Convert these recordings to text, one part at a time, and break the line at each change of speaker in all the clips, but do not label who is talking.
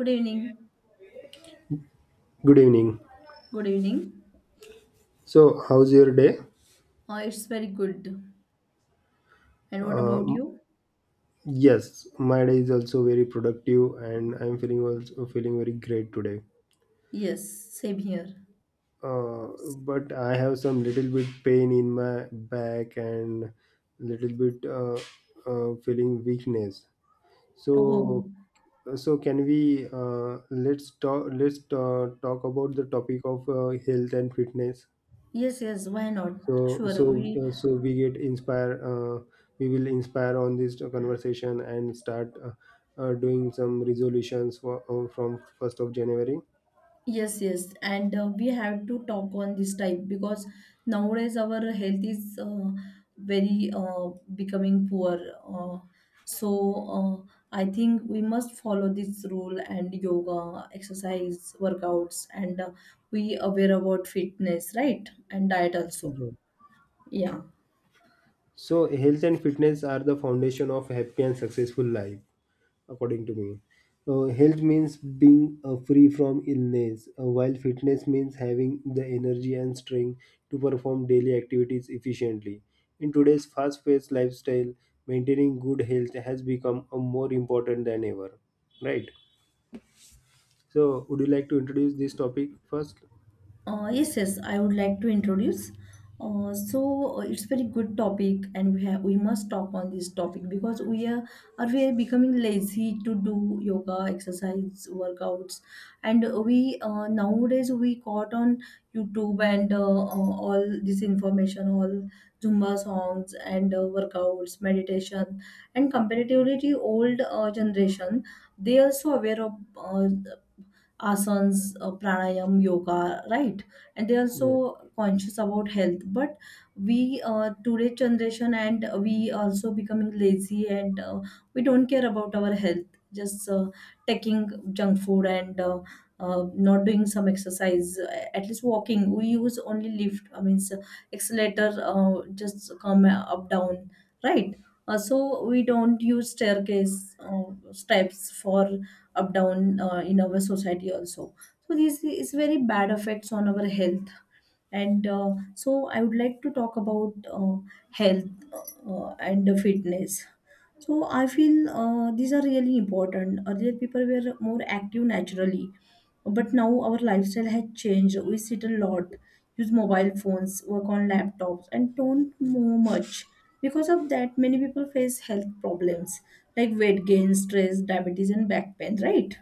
Good evening.
Good evening.
Good evening.
So, how's your day?
It's very good. And what
Uh,
about you?
yes, my day is also very productive, and I'm feeling also feeling very great today.
Yes, same here.
Uh, but I have some little bit pain in my back, and little bit feeling weakness.
Oh,
So, can we let's talk about the topic of health and fitness.
yes, yes. Why not?
so
Sure.
so
We
uh, so we get inspire we will inspire on this conversation and start doing some resolutions from 1st of January.
yes, yes. And we have to talk on this type because nowadays our health is very becoming poor. Uh, so I think we must follow this rule and yoga, exercise, workouts, and we aware about fitness, right? And diet also.
Yeah.
Yeah.
So, health and fitness are the foundation of a happy and successful life, according to me. Health means being free from illness, while fitness means having the energy and strength to perform daily activities efficiently. In today's fast paced lifestyle, maintaining good health has become more important than ever. Right. So, would you like to introduce this topic first?
Yes, yes, I would like to introduce. It's very good topic, and we must talk on this topic because we are becoming lazy to do yoga, exercise, workouts, and we nowadays we caught on YouTube and all this information, all Zumba songs and workouts, meditation, and comparatively the old generation, they are so aware of asanas, pranayam, yoga, right? And they are
Right.
so conscious about health. But today's generation, and we also becoming lazy and we don't care about our health, just taking junk food and not doing some exercise, at least walking. We use only lift, I mean, accelerator, just come up, down, right? So we don't use staircase steps for up down in our society also, so this is very bad effects on our health and so I would like to talk about health and fitness. So I feel these are really important. Earlier people were more active naturally, but now our lifestyle has changed. We sit a lot, use mobile phones, work on laptops, and don't move much. Because of that, many people face health problems like weight gain, stress, diabetes, and back pain, right?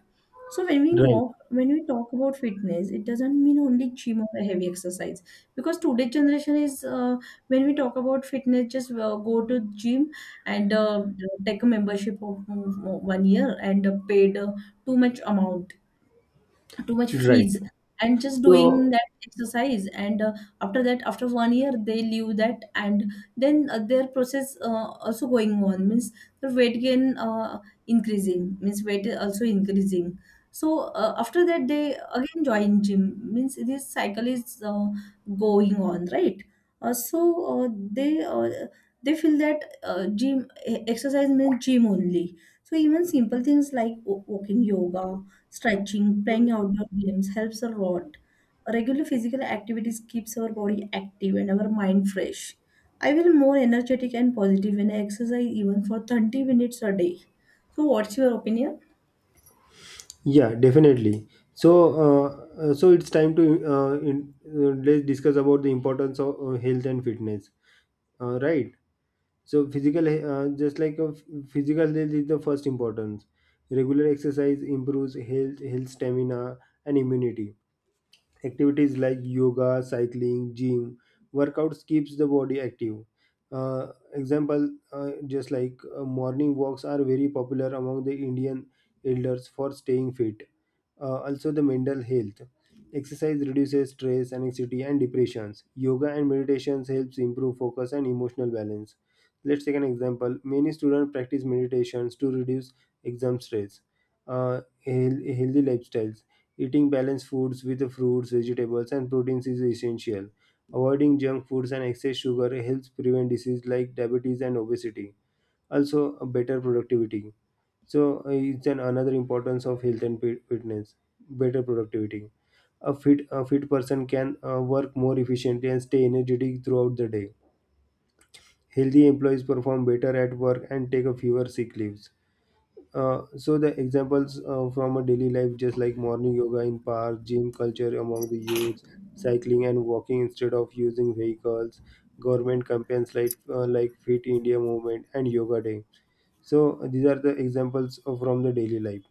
So
Right.
when we talk about fitness, it doesn't mean only gym or heavy exercise. Because today generation is when we talk about fitness, just go to gym and take a membership of 1 year and paid too much amount, too much
Right.
fees, and just doing
So,
that exercise. And After that, after 1 year, they leave that, and then their process also going on, means the weight gain increasing, means weight is also increasing. So after that they again join gym, means this cycle is going on, right? uh, so uh, they uh, they feel that exercise means gym only. So even simple things like walking, yoga, stretching, playing outdoor games helps a lot. Regular physical activities keeps our body active and our mind fresh. I feel more energetic and positive when I exercise even for 30 minutes a day. So what's your opinion?
Yeah, definitely. So, it's time to let's discuss about the importance of health and fitness. Right. So, just like a physical health is the first importance. Regular exercise improves health, stamina, and immunity. Activities like yoga, cycling, gym workouts keeps the body active. Uh, example, just like morning walks are very popular among the Indian elders for staying fit. Uh, also, the mental health exercise reduces stress, anxiety and depressions. Yoga and meditations helps improve focus and emotional balance. Let's take an example, many students practice meditations to reduce exam stress. Healthy lifestyles. Eating balanced foods with fruits, vegetables, and proteins is essential. Avoiding junk foods and excess sugar helps prevent diseases like diabetes and obesity. Also, a better productivity. So, it's an another importance of health and fitness. Better productivity. A fit person can work more efficiently and stay energetic throughout the day. Healthy employees perform better at work and take a fewer sick leaves. So the examples from a daily life, just like morning yoga in park, gym culture among the youth, cycling and walking instead of using vehicles, government campaigns like Fit India movement and Yoga Day. So these are the examples from the daily life.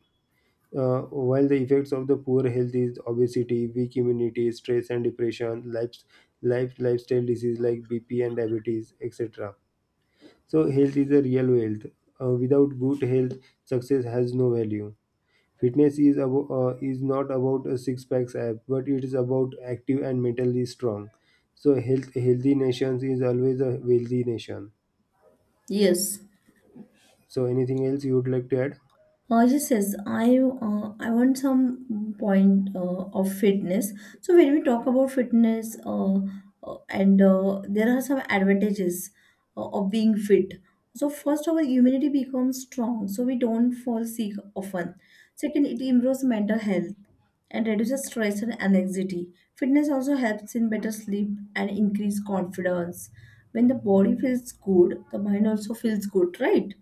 Uh, while the effects of the poor health is obesity, weak immunity, stress and depression, lifestyle disease like BP and diabetes, etc. So health is a real wealth. Without good health, success has no value. Fitness is about is not about a six packs app, but it is about active and mentally strong. So healthy nations is always a wealthy nation.
Yes.
So anything else you would like to add?
Yes, yes. I want some point of fitness. So when we talk about fitness, and there are some advantages of being fit. So first, our immunity becomes strong, so we don't fall sick often. Second, it improves mental health and reduces stress and anxiety. Fitness also helps in better sleep and increase confidence. When the body feels good, the mind also feels good, right?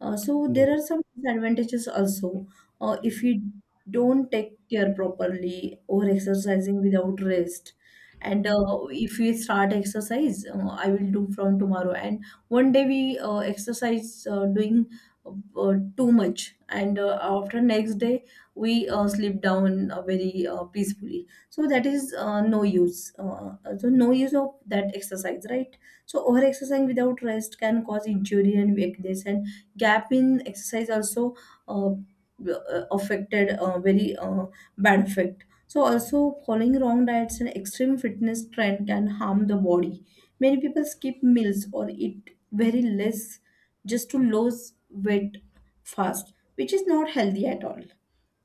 So there
Right.
are some disadvantages also. If we don't take care properly or exercising without rest, and if we start exercise, I will do from tomorrow. And one day we exercise doing too much, and after next day we sleep down very peacefully. So that is no use. So no use of that exercise, right? So over exercising without rest can cause injury and weakness, and gap in exercise also affected very bad effect. So also following wrong diets and extreme fitness trend can harm the body. Many people skip meals or eat very less just to lose weight fast, which is not healthy at all.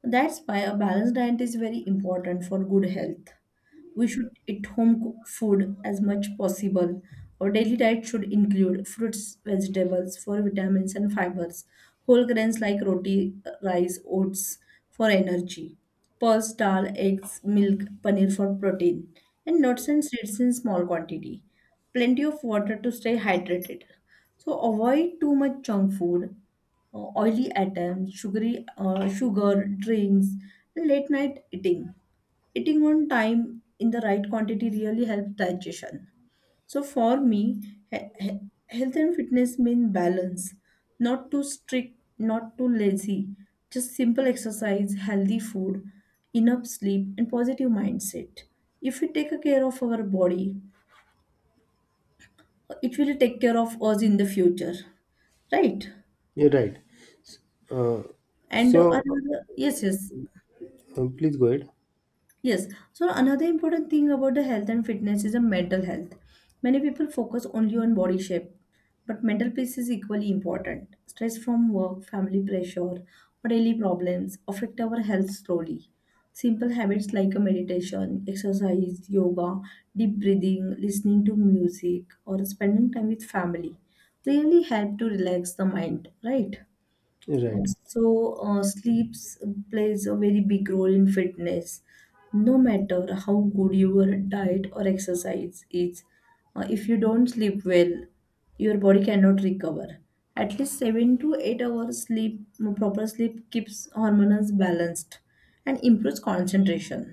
That's why a balanced diet is very important for good health. We should eat home cooked food as much possible. Our daily diet should include fruits, vegetables for vitamins and fibers, whole grains like roti, rice, oats for energy, pulse, dal, eggs, milk, paneer for protein, and nuts and seeds in small quantity. Plenty of water to stay hydrated. So avoid too much junk food, oily items, sugar drinks, and late night eating. Eating on time in the right quantity really helps digestion. So for me, he- he- health and fitness mean balance, not too strict, not too lazy. Just simple exercise, healthy food, enough sleep, and positive mindset. If we take a care of our body, it will take care of us in the future, right?
Yeah, right. Uh,
And
so
another, yes, yes,
Please go ahead.
Yes, so another important thing about the health and fitness is the mental health. Many people focus only on body shape, but mental peace is equally important. Stress from work, family pressure, or daily problems affect our health slowly. Simple habits like a meditation, exercise, yoga, deep breathing, listening to music, or spending time with family really help to relax the mind, right?
Right.
Sleeps plays a very big role in fitness. No matter how good your diet or exercise is, if you don't sleep well, your body cannot recover. At least 7 to 8 hours sleep, proper sleep keeps hormones balanced and improves concentration.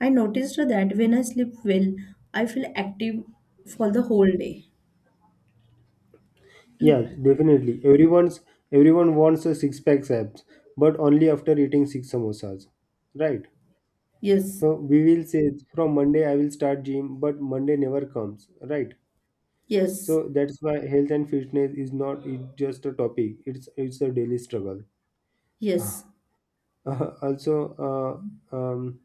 I noticed that when I sleep well, I feel active for the whole day.
Yeah, definitely. Everyone wants a six pack abs, but only after eating six samosas. Right.
Yes,
So we will say from Monday I will start gym, but Monday never comes. Right.
yes,
So that's why health and fitness is not just a topic; it's a daily struggle.
yes,
Also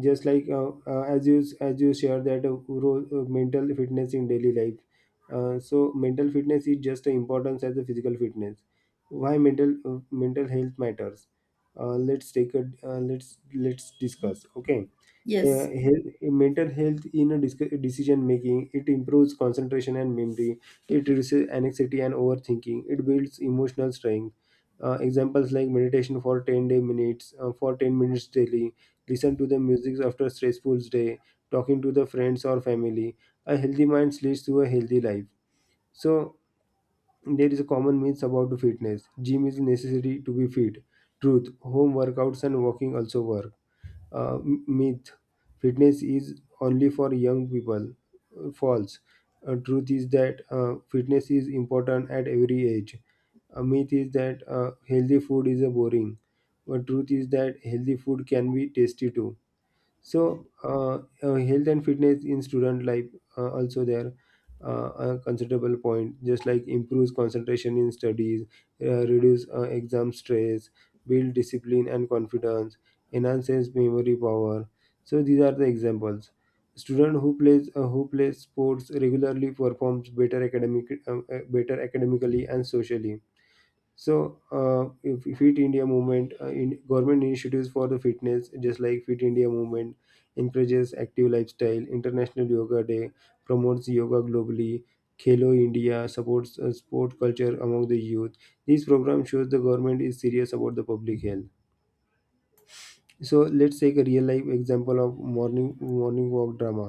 Just like as you share that mental fitness in daily life. So mental fitness is just as important as the physical fitness. Why mental health matters? Let's take a let's discuss, okay.
yes.
Health, mental health in a decision making, it improves concentration and memory, it reduces anxiety and overthinking, it builds emotional strength. Examples like meditation for 10 minutes daily, listen to the music after stressful day, talking to the friends or family. A healthy mind leads to a healthy life. So there is a common myth about fitness. Gym is necessary to be fit. Truth, home workouts and walking also work. Myth, fitness is only for young people. False. Truth is that fitness is important at every age. A myth is that healthy food is a boring, but truth is that healthy food can be tasty too. So health and fitness in student life. Also there, a considerable point, just like improves concentration in studies, reduce exam stress, build discipline and confidence, enhances memory power. So these are the examples. Student who plays sports regularly performs better academic better academically and socially. So, if Fit India movement in government initiatives for the fitness, just like Fit India movement, encourages active lifestyle. International Yoga Day promotes yoga globally. Khelo India supports sport culture among the youth. These programs shows the government is serious about the public health. So let's take a real life example of morning walk drama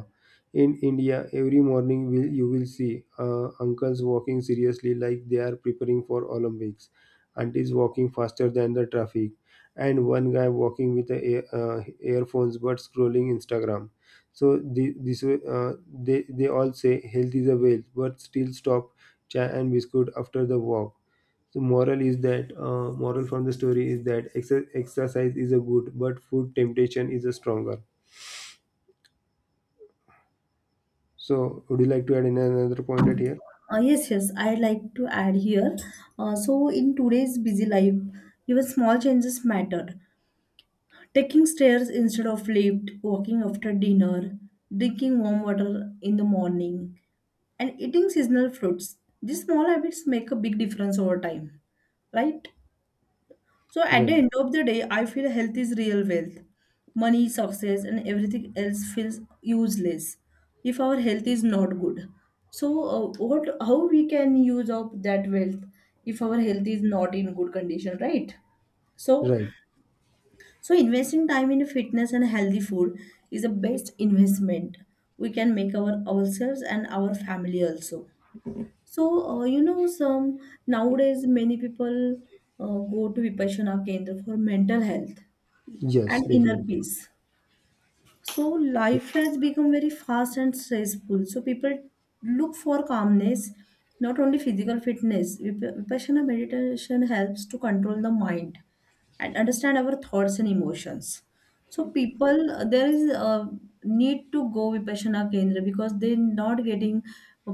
in India. Every morning will you will see uncles walking seriously like they are preparing for Olympics, aunties walking faster than the traffic, and one guy walking with the earphones but scrolling Instagram. So this way, they all say health is a wealth but still stop chai and biscuit after the walk. So moral from the story is that exercise is a good, but food temptation is a stronger. So would you like to add in another point at here?
Yes, yes, I'd like to add here. In today's busy life, even small changes matter. Taking stairs instead of lift, walking after dinner, drinking warm water in the morning, and eating seasonal fruits. These small habits make a big difference over time, right? So at the
Right,
end of the day, I feel health is real wealth. Money, success, and everything else feels useless if our health is not good. So what? How we can use up that wealth if our health is not in good condition, right? So
right.
so investing time in fitness and healthy food is the best investment we can make our ourselves and our family also. So, you know, some nowadays many people go to Vipassana Kendra for mental health
Yes,
and inner
definitely.
peace. So
Yeah,
life has become very fast and stressful. So people look for calmness, not only physical fitness. Vipassana meditation helps to control the mind and understand our thoughts and emotions. So people, there is a need to go Vipassana Kendra because they're not getting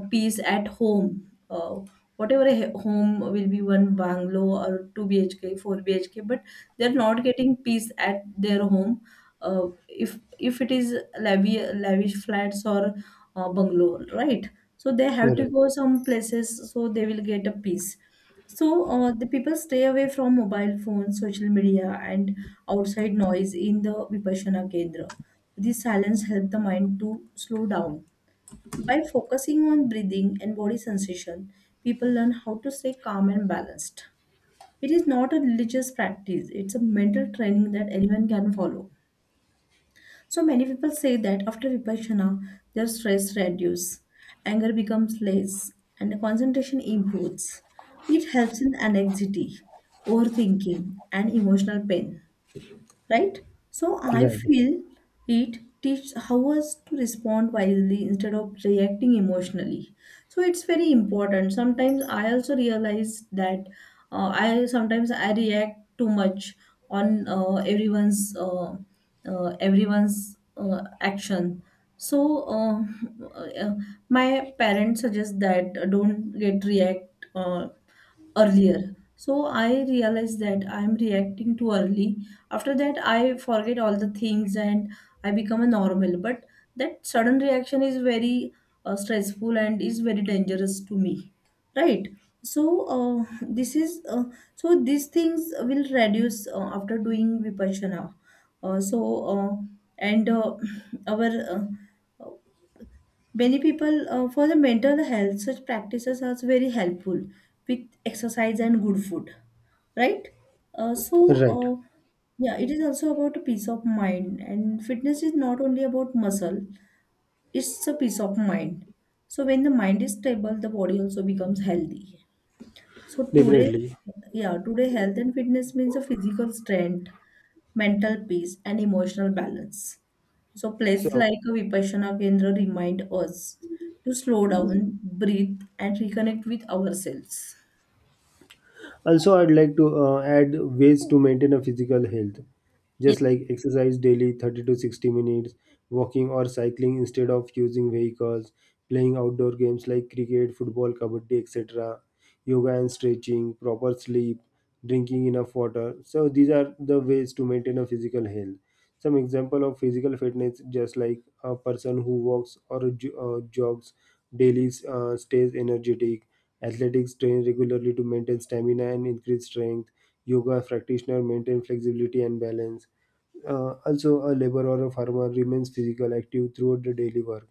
peace at home. Whatever a home will be one bungalow or 2 BHK, 4 BHK, but they're not getting peace at their home uh, if if it is lavish, flats or bungalow, right? So they have to
right,
go some places so they will get a peace. So the people stay away from mobile phones, social media, and outside noise in the Vipassana Kendra. This silence helps the mind to slow down. By focusing on breathing and body sensation, people learn how to stay calm and balanced. It is not a religious practice, it's a mental training that anyone can follow. So many people say that after vipassana, their stress reduces, anger becomes less, and concentration improves. It helps in anxiety, overthinking, and emotional pain, right? So I
right,
feel it teaches how us to respond wisely instead of reacting emotionally. So it's very important. Sometimes I also realize that I sometimes I react too much on everyone's action. So uh, my parents suggest that don't get react. Uh, earlier. So I realized that I'm reacting too early. After that, I forget all the things and I become a normal. But that sudden reaction is very stressful and is very dangerous to me, right? So this is so these things will reduce after doing vipassana. So and Our uh, many people for the mental health such practices are very helpful with exercise and good food, right? uh, so
right.
uh, yeah, it is also about a peace of mind, and fitness is not only about muscle, it's a peace of mind. So when the mind is stable, the body also becomes healthy. So today
Definitely.
yeah, today health and fitness means a physical strength, mental peace, and emotional balance. So, places
So
like a Vipassana Kendra remind us to slow down, breathe, and reconnect with ourselves.
Also, I'd like to add ways to maintain a physical health,
Ye-
just like exercise daily 30 to 60 minutes, walking or cycling instead of using vehicles, playing outdoor games like cricket, football, kabaddi, etc., yoga and stretching, proper sleep, drinking enough water. So, these are the ways to maintain a physical health. Some example of physical fitness, just like a person who walks or jogs daily, stays energetic. Athletics train regularly to maintain stamina and increase strength. Yoga practitioner maintain flexibility and balance. Also, a laborer or a farmer remains physical active throughout the daily work.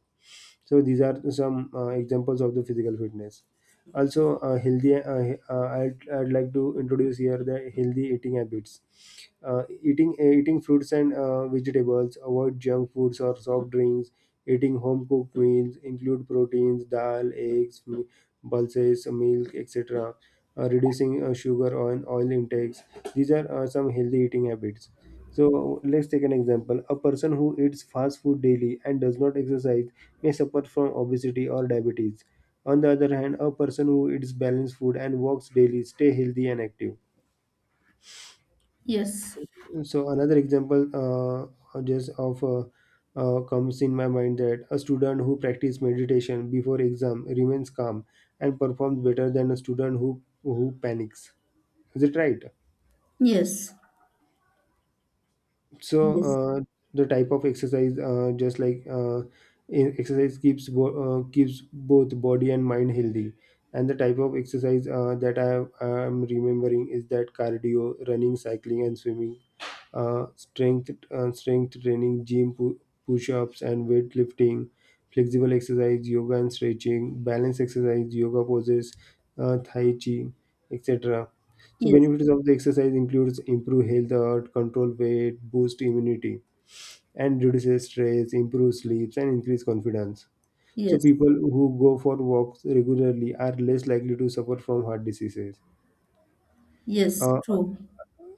So these are some examples of the physical fitness. Also, I'd, like to introduce here the healthy eating habits. Eating fruits and vegetables, avoid junk foods or soft drinks, eating home cooked meals, include proteins, dal, eggs, pulses, milk, etc. Reducing sugar and oil intakes. These are some healthy eating habits. So let's take an example, a person who eats fast food daily and does not exercise may suffer from obesity or diabetes. On the other hand, a person who eats balanced food and walks daily stay healthy and active.
Yes,
So another example, just of comes in my mind that a student who practices meditation before exam remains calm and performs better than a student who panics. Is it right?
yes,
So
yes,
the type of exercise, exercise keeps keeps both body and mind healthy, and the type of exercise that I am remembering is that cardio, running, cycling and swimming, strength training, gym, push-ups and weightlifting, flexible exercise, yoga and stretching, balance exercise, yoga poses, tai chi, etc. So
yes,
benefits of the exercise includes improve health, control weight, boost immunity, and reduces stress, improve sleep, and increase confidence. So
yes,
people who go for walks regularly are less likely to suffer from heart diseases.
yes,
Uh,
true.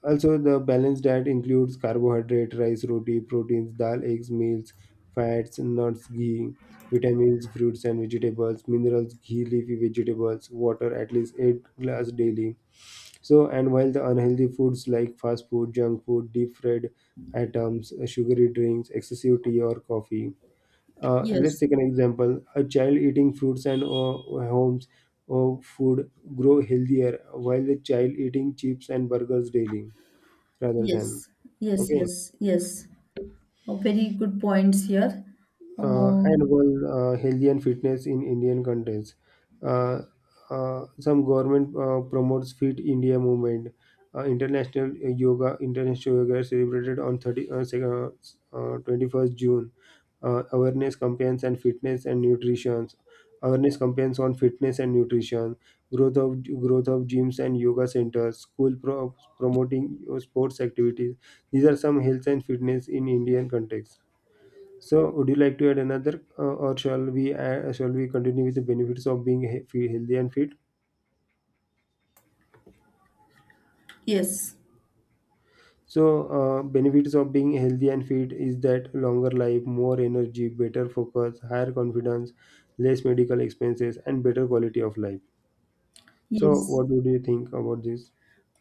also, the balanced diet includes carbohydrate, rice, roti, proteins, dal, eggs, meals, fats, nuts, ghee, vitamins, fruits and vegetables, minerals, ghee, leafy vegetables, water at least 8 glass daily. So, and while the unhealthy foods like fast food, junk food, deep fried items, sugary drinks, excessive tea or coffee. And let's
Yes,
take an example. A child eating fruits and homes or food grow healthier while the child eating chips and burgers daily rather than
yes, yes,
okay.
yes, yes. Very good points here. Um,
Annual health and fitness in Indian contest. Uh, some government promotes Fit India movement. International yoga is celebrated on 21st of June. Awareness campaigns and fitness and nutrition. Awareness campaigns on fitness and nutrition. Growth of gyms and yoga centers. School promoting sports activities. These are some health and fitness in Indian context. So, would you like to add another, or shall we continue with the benefits of being healthy and fit?
yes,
So, benefits of being healthy and fit is that longer life, more energy, better focus, higher confidence, less medical expenses, and better quality of life. So,
yes.
what would you think about this?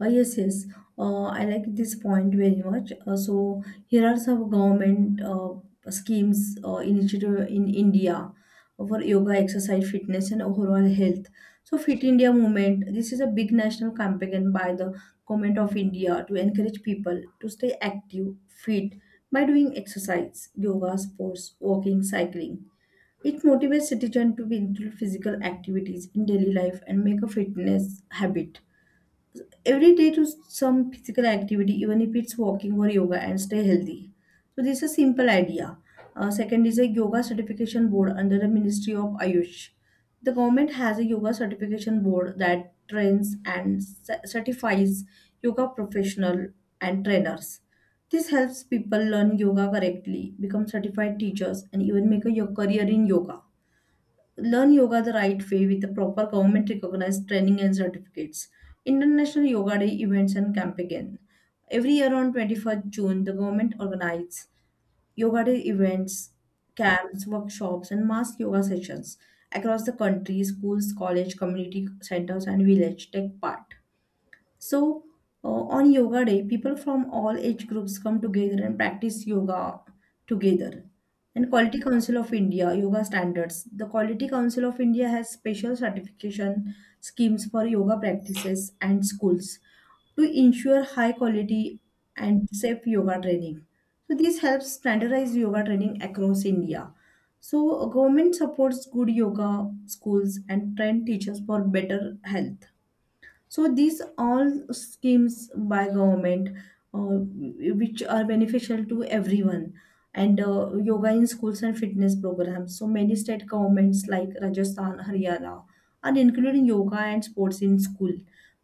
Yes, yes. I like this point very much. So here are some government schemes initiative in India for yoga, exercise, fitness, and overall health. So Fit India movement. This is a big national campaign by the government of India to encourage people to stay active, fit by doing exercise, yoga, sports, walking, cycling. It motivates citizens to include physical activities in daily life and make a fitness habit every day to some physical activity, even if it's walking or yoga, and stay healthy. So this is a simple idea. Second is a yoga certification board under the Ministry of Ayush. The government has a yoga certification board that trains and certifies yoga professional and trainers. This helps people learn yoga correctly, become certified teachers, and even make a career in yoga, learn yoga the right way with the proper government recognized training and certificates. International Yoga Day events and campaign. Every year on 21st June, the government organizes Yoga Day events, camps, workshops, and mass yoga sessions across the country. Schools, college, community centers, and village take part. So, uh, on Yoga Day, people from all age groups come together and practice yoga together. And Quality Council of India, Yoga Standards. The Quality Council of India has special certification schemes for yoga practices and schools to ensure high quality and safe yoga training. So, this helps standardize yoga training across India. So, government supports good yoga schools and train teachers for better health. So these all schemes by government, uh, which are beneficial to everyone, and yoga in schools and fitness programs. So many state governments like Rajasthan, Haryana are including yoga and sports in school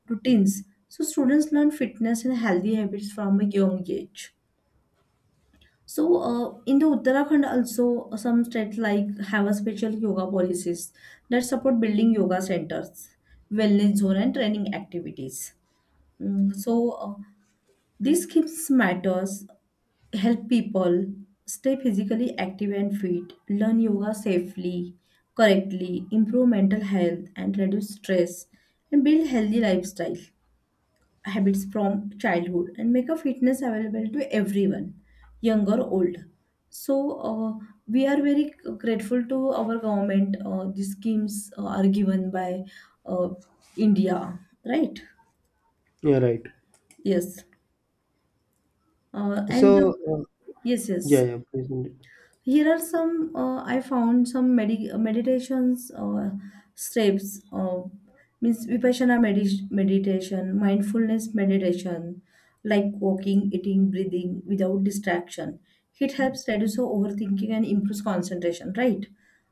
routines. So students learn fitness and healthy habits from a young age. So in the Uttarakhand also some states like have a special yoga policies that support building yoga centers, wellness zone and training activities. Mm, so uh, these skills matters help people stay physically active and fit, learn yoga safely, correctly, improve mental health and reduce stress, and build healthy lifestyle habits from childhood and make a fitness available to everyone, young or old. So we are very grateful to our government. These schemes are given by uh, India, right?
Yeah, right.
Yes,
So,
and.
uh,
Yes, yes.
yeah, please.
Here are some I found some meditations steps, means vipassana meditation, mindfulness meditation, like walking, eating, breathing without distraction. It helps reduce overthinking and improves concentration, right?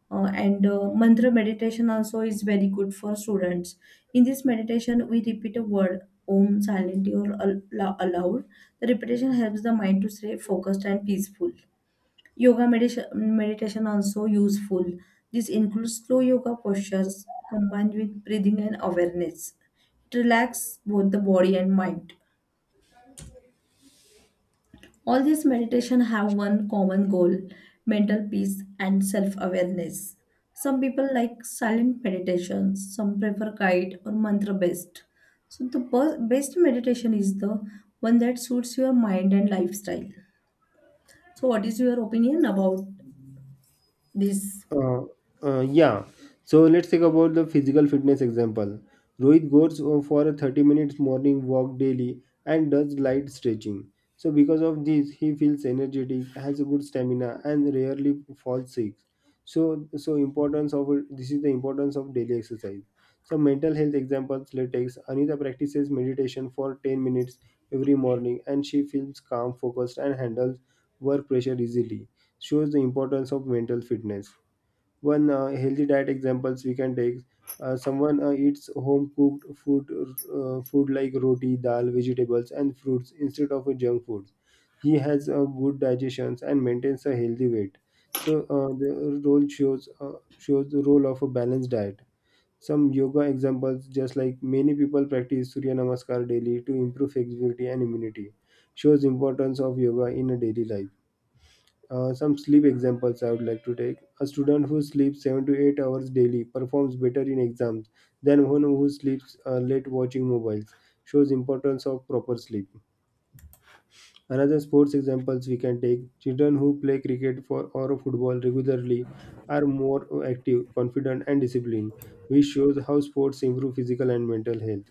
And Mantra meditation also is very good for students. In this meditation, we repeat a word om silently or aloud. The repetition helps the mind to stay focused and peaceful. Yoga meditation also useful. This includes slow yoga postures combined with breathing and awareness. It relaxes both the body and mind. All these meditation have one common goal, mental peace and self-awareness. Some people like silent meditations, some prefer guide or mantra based. So the best meditation is the one that suits your mind and lifestyle. So what is your opinion about this?
Uh, yeah. So let's take about the physical fitness example. Rohit goes for a 30 minutes morning walk daily and does light stretching. So because of this, he feels energetic, has a good stamina, and rarely falls sick. So importance of this is the importance of daily exercise. So mental health examples. Let's take Anita practices meditation for 10 minutes every morning, and she feels calm, focused, and handles work pressure easily. Shows the importance of mental fitness. One healthy diet examples we can take. Someone eats home cooked food, food like roti, dal, vegetables, and fruits instead of junk foods. He has a good digestions and maintains a healthy weight. So the role shows shows the role of a balanced diet. Some yoga examples, just like many people practice Surya Namaskar daily to improve flexibility and immunity, shows importance of yoga in a daily life. Some sleep examples I would like to take. A student who sleeps 7 to 8 hours daily performs better in exams than one who sleeps late watching mobiles. Shows importance of proper sleep. Another sports examples we can take. Children who play cricket for or football regularly are more active, confident and disciplined, which shows how sports improve physical and mental health.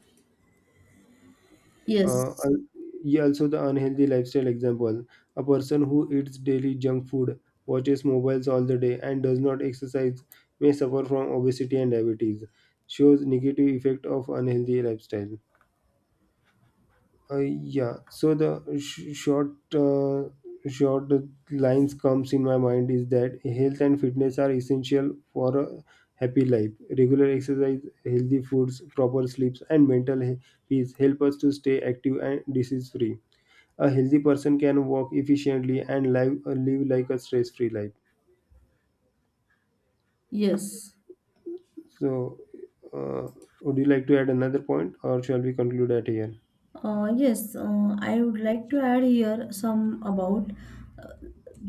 Uh,
Yes.
al- yeah, Also, the unhealthy lifestyle example. A person who eats daily junk food, watches mobiles all the day, and does not exercise may suffer from obesity and diabetes. Shows negative effect of unhealthy lifestyle. Yeah, so the sh- short Short lines comes in my mind is that health and fitness are essential for a happy life. Regular exercise, healthy foods, proper sleeps, and peace help us to stay active and disease free. A healthy person can walk efficiently and live like a stress-free life.
Yes.
So, uh, would you like to add another point, or shall we conclude at here?
Yes, I would like to add here some about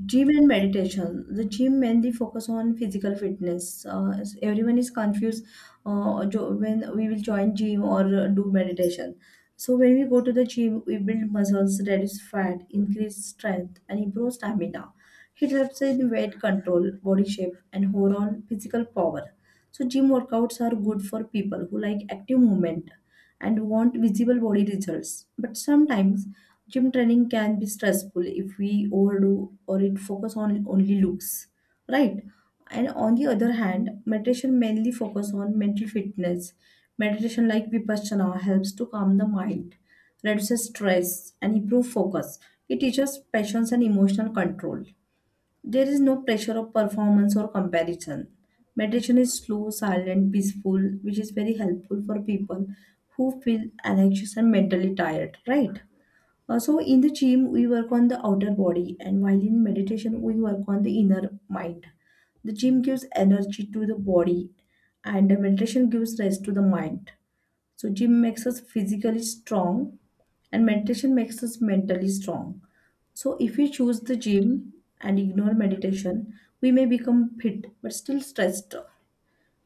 gym and meditation. The gym mainly focus on physical fitness. Everyone is confused when we will join gym or do meditation. So when we go to the gym, we build muscles, reduce fat, increase strength, and improve stamina. It helps in weight control, body shape, and overall physical power. So gym workouts are good for people who like active movement and want visible body results. But sometimes gym training can be stressful if we overdo or it focus on only looks, right? And on the other hand, meditation mainly focus on mental fitness. Meditation like Vipassana helps to calm the mind, reduces stress, and improve focus. It teaches patience and emotional control. There is no pressure of performance or comparison. Meditation is slow, silent, peaceful, which is very helpful for people who feel anxious and mentally tired, right? So in the gym, we work on the outer body, and while in meditation, we work on the inner mind. The gym gives energy to the body, and the meditation gives rest to the mind. So gym makes us physically strong, and meditation makes us mentally strong. So if we choose the gym and ignore meditation, we may become fit but still stressed.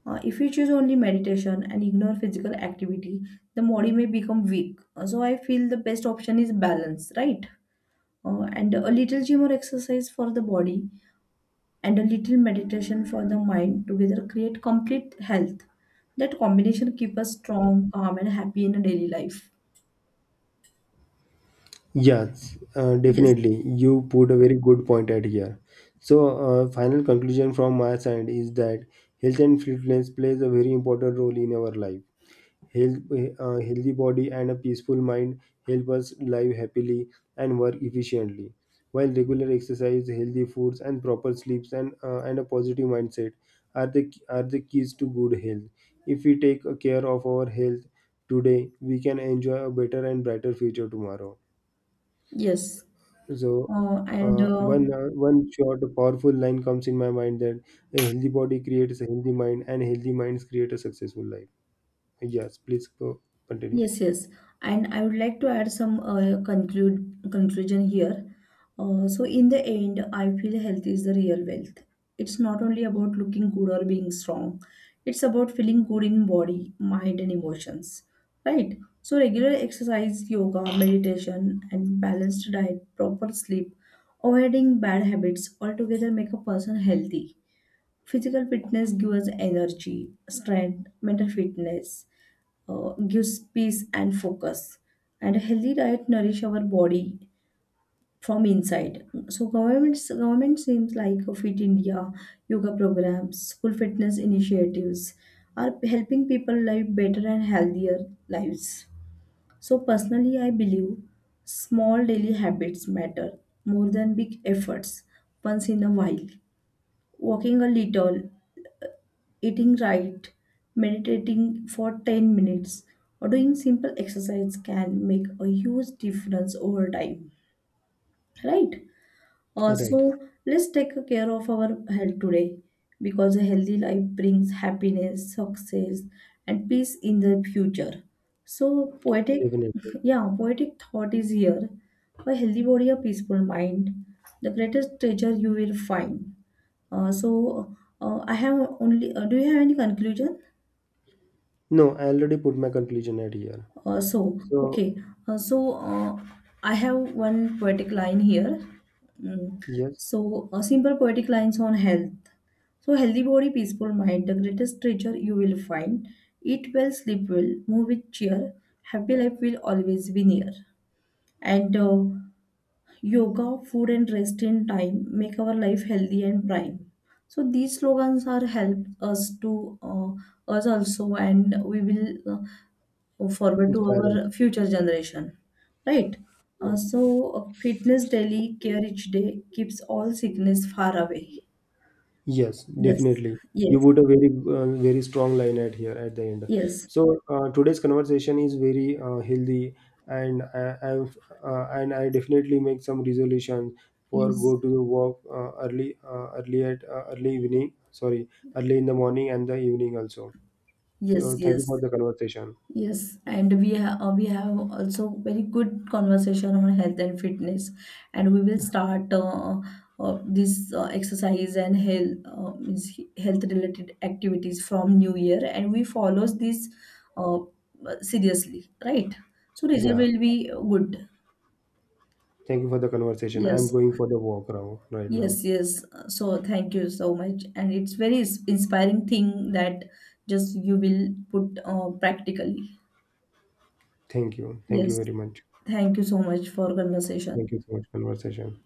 If we choose only meditation and ignore physical activity, the body may become weak. So I feel the best option is balance, right? And a little gym or exercise for the body and a little meditation for the mind together create complete health, that combination keep us strong, calm and happy in a daily life.
Yes,
Yes,
definitely. You put a very good point at here. So, final conclusion from my side is that health and fitness plays a very important role in our life. Health, healthy body and a peaceful mind help us live happily and work efficiently. While regular exercise, healthy foods, and proper sleeps and a positive mindset are the keys to good health. If we take care of our health today, we can enjoy a better and brighter future tomorrow.
yes,
So,
and
one short powerful line comes in my mind that a healthy body creates a healthy mind, and healthy minds create a successful life. Yes, please go continue.
yes, yes. And I would like to add some conclude conclusion here. So in the end, I feel health is the real wealth. It's not only about looking good or being strong. It's about feeling good in body, mind, and emotions. Right? So regular exercise, yoga, meditation, and balanced diet, proper sleep, avoiding bad habits altogether make a person healthy. Physical fitness gives us energy, strength, mental fitness gives peace and focus, and a healthy diet nourish our body from inside. So government seems like a Fit India, yoga programs, school fitness initiatives are helping people live better and healthier lives. So personally I believe small daily habits matter more than big efforts once in a while. Walking a little, eating right, meditating for 10 minutes, or doing simple exercise can make a huge difference over time, right? Uh,
Right.
so let's take care of our health today because a healthy life brings happiness, success, and peace in the future. So poetic,
Definitely.
yeah, poetic thought is here. A healthy body, a peaceful mind, the greatest treasure you will find. I have only. Do you have any conclusion?
No, I already put my conclusion at here. So,
Okay. Uh, so, uh, I have one poetic line here. Mm.
yes,
So, a simple poetic lines on health. So, healthy body, peaceful mind, the greatest treasure you will find. Eat well, sleep well, move with cheer. Happy life will always be near. And yoga, food, and rest in time make our life healthy and prime. So these slogans are help us to us also, and we will. Forward to
inspire us.
our future generation, right. uh,
Yes.
so Fitness daily care each day keeps all sickness far away.
Yes,
Yes,
definitely. You
yes,
put a very, very strong line at here at the end.
yes,
So today's conversation is very healthy, and I, I've and I definitely make some resolution for
yes,
go to the walk early early in the morning and the evening also.
yes,
So thank you
yes.
for the conversation.
Yes, and we have also very good conversation on health and fitness, and we will start this exercise and health means health related activities from New Year, and we follows this uh, seriously, right? So result
Yeah,
will be good.
thank you for the conversation. I'm
Yes,
going for the walk now, right now.
yes, yes. So thank you so much, and it's very inspiring thing that just you will put practically.
Thank you. Thank you
Yes.
very much.
Thank you so much for
Thank
conversation.
you so much conversation.